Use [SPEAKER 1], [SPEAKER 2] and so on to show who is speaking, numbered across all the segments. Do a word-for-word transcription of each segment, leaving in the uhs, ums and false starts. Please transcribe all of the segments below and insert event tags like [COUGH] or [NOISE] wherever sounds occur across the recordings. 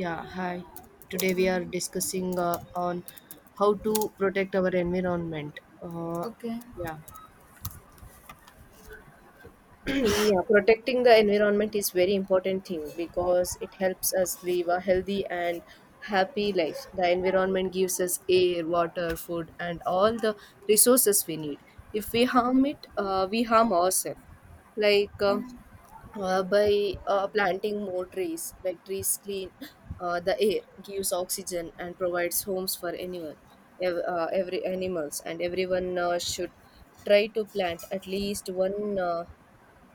[SPEAKER 1] Yeah, hi.
[SPEAKER 2] Uh,
[SPEAKER 1] Today we are discussing uh, on how to protect our environment. Uh,
[SPEAKER 2] okay.
[SPEAKER 1] yeah, [CLEARS THROAT] yeah, protecting the environment is very important thing, because it helps us live a healthy and happy life. The environment gives us air, water, food, and all the resources we need. If we harm it, uh, we harm ourselves, like um uh, by uh, planting more trees. Like, trees clean uh, the air, gives oxygen, and provides homes for anyone. Ev- uh, every animals, and everyone uh, should try to plant at least one uh,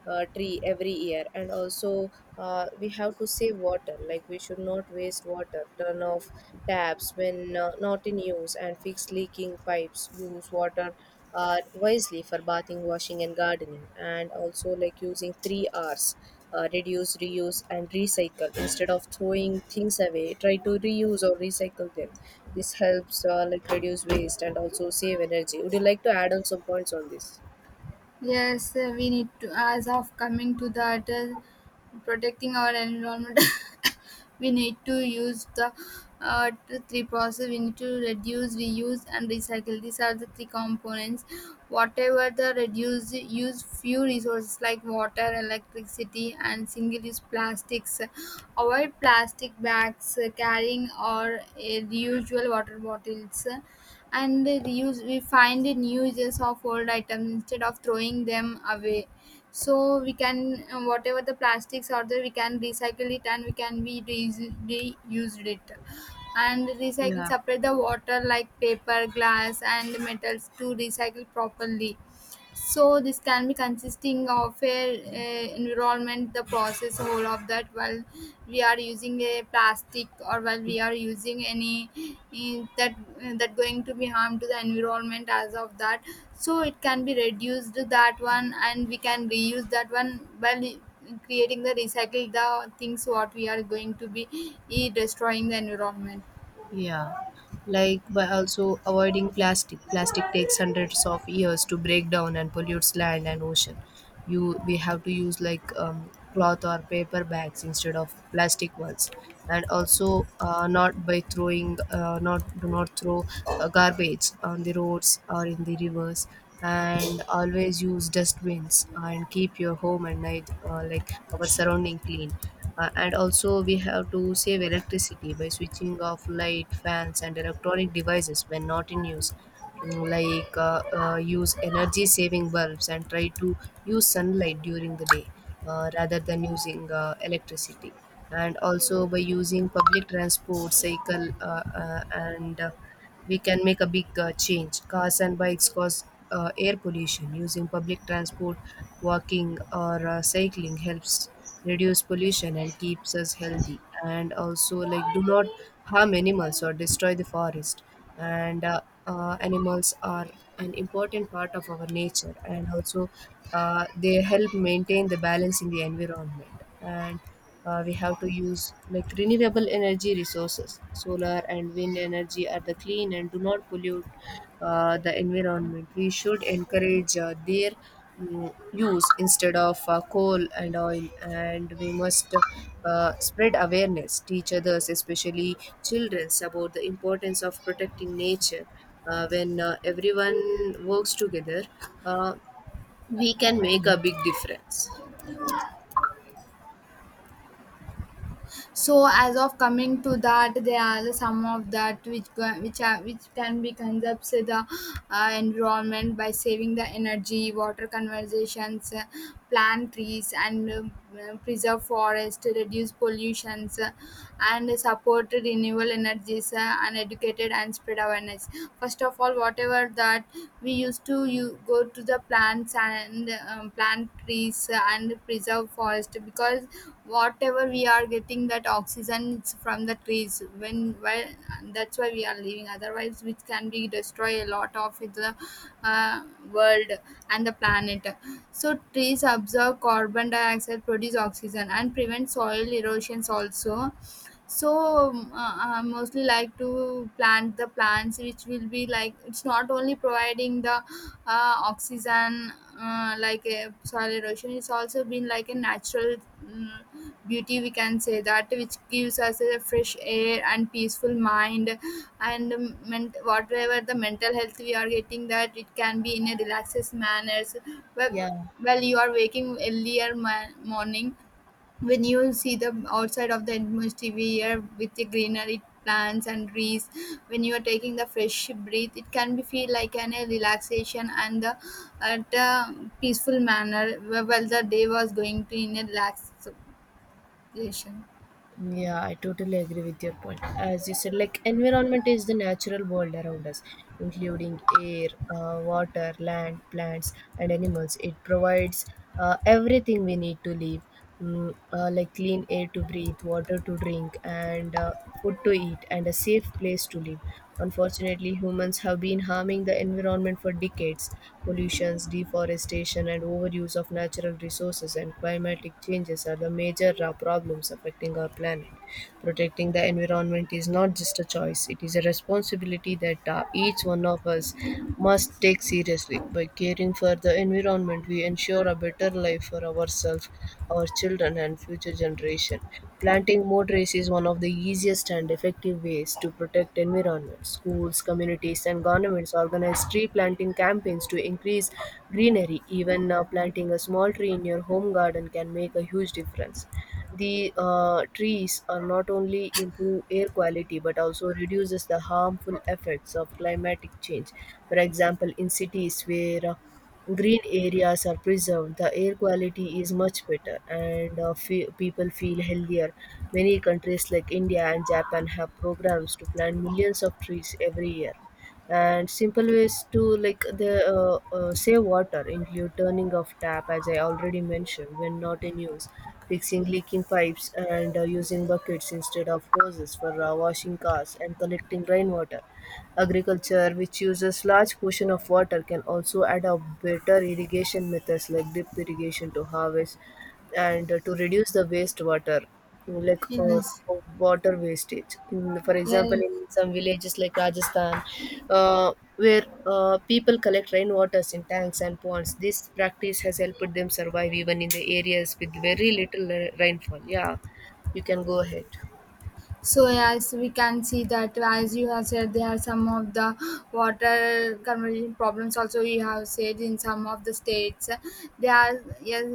[SPEAKER 1] uh, tree every year. And also, uh, we have to save water. Like, we should not waste water. Turn off taps when uh, not in use, and fix leaking pipes. Use water uh, wisely for bathing, washing, and gardening. And also, like, using three R's, uh, reduce, reuse, and recycle. Instead of throwing things away, try to reuse or recycle them. This helps uh, like reduce waste, and also save energy. Would you like to add on some points on this?
[SPEAKER 2] Yes, uh, we need to, as of coming to that, uh, protecting our environment, [LAUGHS] we need to use the uh, the three process. We need to reduce, reuse, and recycle. These are the three components. Whatever the reduce, use few resources like water, electricity, and single-use plastics. Avoid plastic bags, uh, carrying or uh, the usual water bottles, and they use, we find the new uses of old items instead of throwing them away. So we can uh, whatever the plastics are there, we can recycle it and we can be reuse- reused it and recycle,
[SPEAKER 1] Yeah.
[SPEAKER 2] separate the water like paper, glass, and metals to recycle properly. So this can be consisting of a, a environment, the process whole of that while we are using a plastic or while we are using any in that, that going to be harm to the environment as of that. So it can be reduced that one and we can reuse that one while creating the recycle the things what we are going to be eh, destroying the environment.
[SPEAKER 1] Yeah, like by also avoiding plastic. Plastic takes hundreds of years to break down and pollutes land and ocean. You we have to use like um, cloth or paper bags instead of plastic ones, and also uh, not by throwing uh, not do not throw uh, garbage on the roads or in the rivers, and always use dustbins, uh, and keep your home and night uh, like our surrounding clean. Uh, and also, we have to save electricity by switching off light, fans, and electronic devices when not in use. Mm, like uh, uh, use energy saving bulbs and try to use sunlight during the day, uh, rather than using uh, electricity. And also, by using public transport, cycle, uh, uh, and uh, we can make a big uh, change. Cars and bikes cause uh, air pollution. Using public transport, walking, or uh, cycling helps reduce pollution and keeps us healthy. And also, like, do not harm animals or destroy the forest. And uh, uh, animals are an important part of our nature, and also uh, they help maintain the balance in the environment. And uh, we have to use like renewable energy resources. Solar and wind energy are the clean and do not pollute uh, the environment. We should encourage uh, their mm, use instead of uh, coal and oil. And we must uh, spread awareness, teach others, especially children, about the importance of protecting nature uh, when uh, everyone works together, uh, we can make a big difference.
[SPEAKER 2] So as of coming to that, there are some of that which go- which are which can be conserved the uh, environment by saving the energy, water conservations, uh, plant trees, and um, uh, preserve forest, reduce pollutions, uh, and support renewable energies, uh, and educated and spread awareness. First of all, whatever that we used to, you go to the plants and um, plant trees and preserve forest, because whatever we are getting that oxygen, it's from the trees. When well, that's why we are living, otherwise which can be destroy a lot of the uh, world and the planet. So trees absorb carbon dioxide, produce oxygen, and prevent soil erosions also. So um, uh, I mostly like to plant the plants which will be like, it's not only providing the uh, oxygen, uh, like a soil erosion, it's also been like a natural mm, beauty, we can say that, which gives us a fresh air and peaceful mind. And um, ment- whatever the mental health we are getting, that it can be in a relaxed manners. well,
[SPEAKER 1] Yeah.
[SPEAKER 2] well you are waking earlier ma- morning, when you see the outside of the atmosphere here with the greenery plants and trees, when you are taking the fresh breath, it can be feel like an a relaxation and the, at a peaceful manner wh- while the day was going to in a relaxation.
[SPEAKER 1] Yeah, I totally agree with your point. As you said, like environment is the natural world around us, including air, uh, water, land, plants, and animals. It provides uh, everything we need to live, mm, uh, like clean air to breathe, water to drink, and uh, food to eat, and a safe place to live. Unfortunately, humans have been harming the environment for decades. Pollutions, deforestation, and overuse of natural resources and climatic changes are the major uh, problems affecting our planet. Protecting the environment is not just a choice, it is a responsibility that uh, each one of us must take seriously. By caring for the environment, we ensure a better life for ourselves, our children, and future generations. Planting more trees is one of the easiest and effective ways to protect environment. Schools, communities, and governments organize tree planting campaigns to increase greenery. Even uh, planting a small tree in your home garden can make a huge difference. The uh, trees are not only improve air quality but also reduces the harmful effects of climatic change. For example, in cities where uh, green areas are preserved, the air quality is much better, and uh, fe- people feel healthier. Many countries like India and Japan have programs to plant millions of trees every year. And simple ways to like the uh, uh, save water include turning off tap, as I already mentioned, when not in use, fixing leaking pipes, and uh, using buckets instead of hoses for uh, washing cars and collecting rainwater. Agriculture, which uses large portion of water, can also adopt better irrigation methods like drip irrigation to harvest and uh, to reduce the wastewater, like uh,
[SPEAKER 2] Yes,
[SPEAKER 1] of water wastage. In, for example,
[SPEAKER 2] yes.
[SPEAKER 1] in some villages like Rajasthan, uh, where uh, people collect rainwaters in tanks and ponds. This practice has helped them survive even in the areas with very little uh, rainfall. Yeah, you can go ahead.
[SPEAKER 2] So yes, we can see that as you have said, there are some of the water conversion problems. Also, you have said in some of the states, there are yes.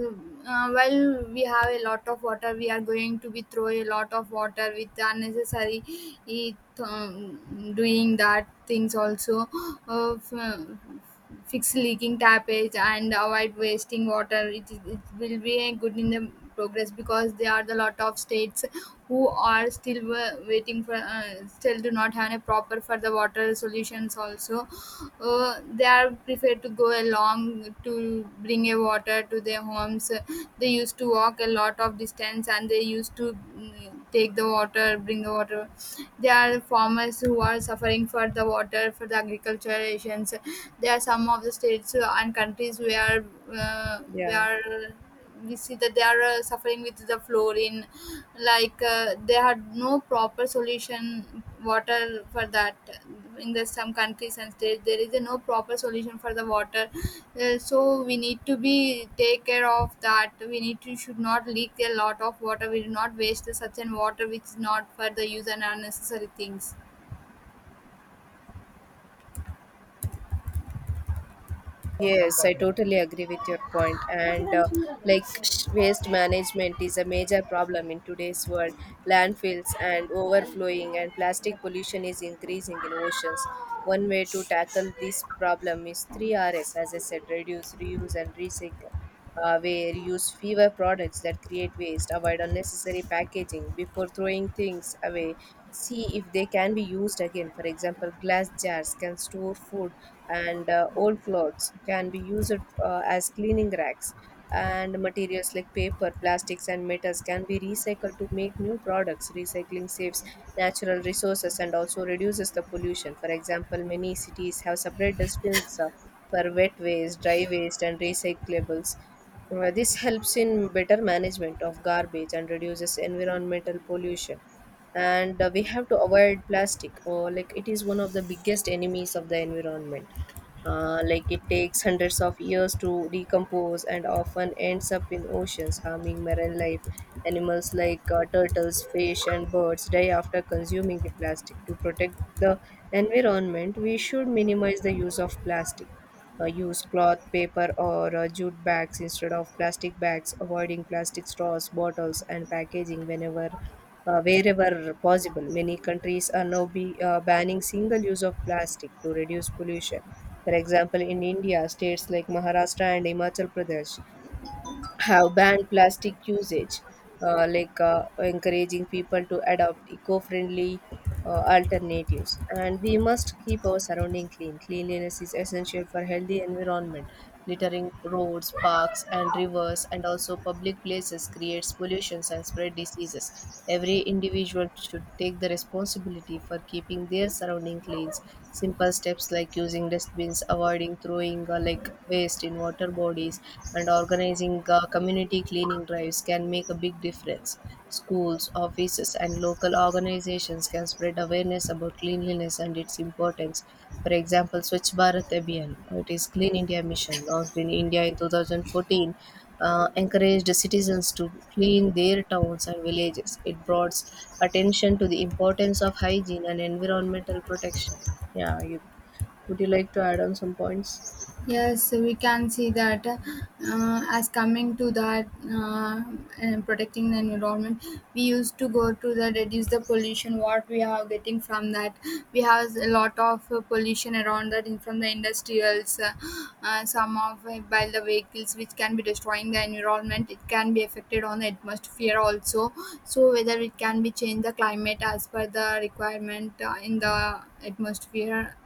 [SPEAKER 2] Uh, while we have a lot of water, we are going to be throw a lot of water with unnecessary it, um, doing that things also uh, f- fix leaking tapage and avoid wasting water. It, is- it will be a good in the progress, because there are the lot of states who are still wa- waiting for uh, still do not have a proper for the water solutions also. Uh, they are preferred to go along to bring a water to their homes, they used to walk a lot of distance and they used to mm, take the water, bring the water. There are farmers who are suffering for the water for the agriculture issues. There are some of the states and countries where uh,
[SPEAKER 1] Yeah.
[SPEAKER 2] where we see that they are uh, suffering with the fluorine, like uh, they had no proper solution water for that. In the some countries and states, there is a no proper solution for the water. Uh, so we need to be take care of that, we need to should not leak a lot of water, we do not waste the such an water which is not for the use and unnecessary things.
[SPEAKER 1] Yes, I totally agree with your point. And uh, like sh- waste management is a major problem in today's world. Landfills and overflowing and plastic pollution is increasing in oceans. One way to tackle this problem is three R's, as I said, reduce, reuse, and recycle, uh, where use fewer products that create waste, avoid unnecessary packaging. Before throwing things away, see if they can be used again. For example, glass jars can store food, and uh, old clothes can be used uh, as cleaning racks, and materials like paper, plastics, and metals can be recycled to make new products. Recycling saves natural resources and also reduces the pollution. For example, many cities have separate dustbins uh, for wet waste, dry waste, and recyclables. Uh, this helps in better management of garbage and reduces environmental pollution. And uh, we have to avoid plastic, or like it is one of the biggest enemies of the environment. Uh, like it takes hundreds of years to decompose and often ends up in oceans, harming marine life. Animals like uh, turtles, fish, and birds die after consuming the plastic. To protect the environment, we should minimize the use of plastic. Uh, use cloth, paper, or uh, jute bags instead of plastic bags, avoiding plastic straws, bottles, and packaging whenever. Uh, wherever possible, many countries are now be, uh, banning single use of plastic to reduce pollution. For example, in India, states like Maharashtra and Himachal Pradesh have banned plastic usage, uh, like uh, encouraging people to adopt eco-friendly uh, alternatives. And we must keep our surrounding clean. Cleanliness is essential for healthy environment. Littering roads, parks, and rivers, and also public places creates pollutions and spread diseases. Every individual should take the responsibility for keeping their surrounding clean. Simple steps like using dustbins, avoiding throwing uh, like waste in water bodies, and organizing uh, community cleaning drives can make a big difference. Schools, offices, and local organizations can spread awareness about cleanliness and its importance. For example, Swachh Bharat Abhiyan, uh, it is Clean India Mission, launched in India in two thousand fourteen, uh, encouraged citizens to clean their towns and villages. It brought attention to the importance of hygiene and environmental protection. Yeah, you, would you like to add on some points?
[SPEAKER 2] Yes, so we can see that, uh, as coming to that, uh, and protecting the environment, we used to go to the reduce the pollution. What we are getting from that, we have a lot of uh, pollution around that in from the industrials, uh, uh, some of uh, by the vehicles, which can be destroying the environment. It can be affected on the atmosphere also. So whether it can be change the climate as per the requirement uh, in the atmosphere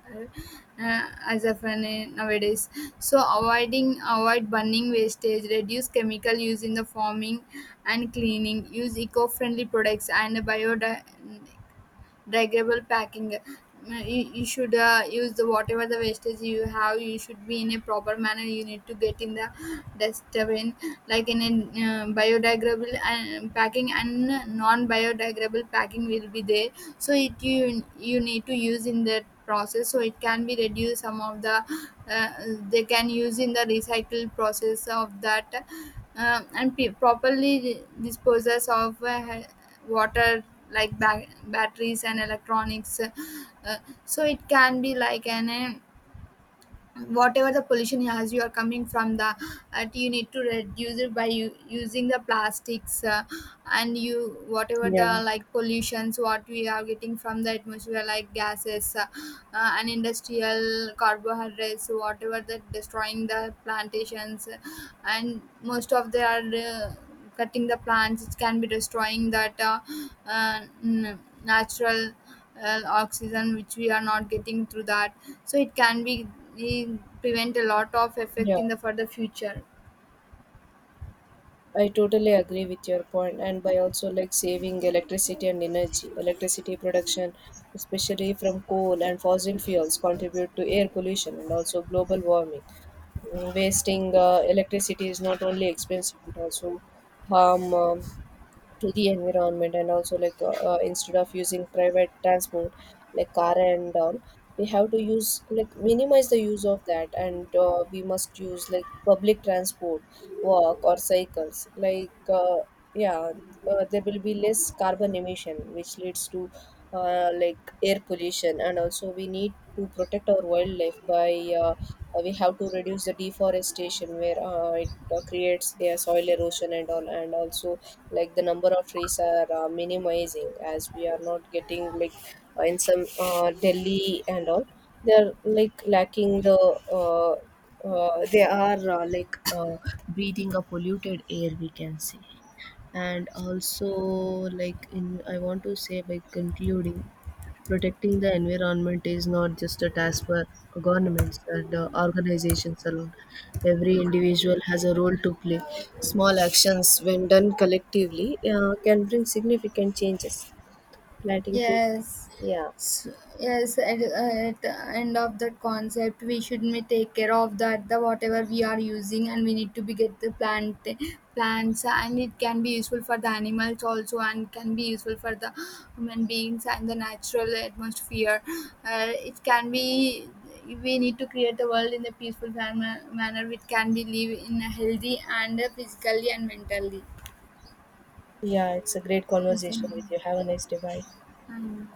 [SPEAKER 2] uh, as of uh, nowadays. So avoiding, avoid burning wastage, reduce chemical use in the farming and cleaning, use eco-friendly products and biodiversity, regable packing. Uh, you, you should uh, use the whatever the wastage you have, you should be in a proper manner, you need to get in the dustbin, like in a uh, biodegradable and packing and non-biodegradable packing will be there. So it you, you need to use in that process, so it can be reduced some of the uh, they can use in the recycle process of that. Um, and pe- properly disposes of uh, water like ba- batteries and electronics uh, so it can be like an um, whatever the pollution as you are coming from the uh, you need to reduce it by u- using the plastics, uh, and you whatever
[SPEAKER 1] Yeah,
[SPEAKER 2] the like pollutions what we are getting from the atmosphere like gases, uh, uh, and industrial carbohydrates whatever that destroying the plantations. And most of they are uh, cutting the plants, it can be destroying that uh, uh, n- natural uh, oxygen which we are not getting through that. So it can be eh, prevent a lot of effect
[SPEAKER 1] yeah.
[SPEAKER 2] in the for the future.
[SPEAKER 1] I totally agree with your point, and by also like saving electricity and energy, electricity production, especially from coal and fossil fuels, contribute to air pollution and also global warming. Mm, Wasting uh, electricity is not only expensive, it also harm. Um, to the environment. And also, like uh, uh, instead of using private transport like car and all, we have to use like minimize the use of that. And uh, we must use like public transport, walk, or cycles, like uh, yeah, uh, there will be less carbon emission, which leads to uh, like air pollution. And also, we need to protect our wildlife by uh, uh, we have to reduce the deforestation, where uh, it uh, creates a soil erosion and all. And also, like the number of trees are uh, minimizing, as we are not getting like, uh, in some uh, delhi and all, they are like lacking the uh, uh, they are uh, like uh, breathing a polluted air, we can say. And also, like in, I want to say, by concluding, protecting the environment is not just a task for governments and uh, organizations alone. Every individual has a role to play. Small actions, when done collectively, uh, can bring significant changes. Planting trees.
[SPEAKER 2] Yes,
[SPEAKER 1] Yeah.
[SPEAKER 2] S yes. At, at the end of that concept, we should may take care of that the whatever we are using, and we need to be get the plant plants, and it can be useful for the animals also, and can be useful for the human beings and the natural atmosphere. Uh, it can be. We need to create a world in a peaceful manner, manner which can be live in a healthy and uh, physically and mentally.
[SPEAKER 1] Yeah, it's a great
[SPEAKER 2] Yes, I know.
[SPEAKER 1] conversation with you. Have a nice day. Bye.
[SPEAKER 2] I know.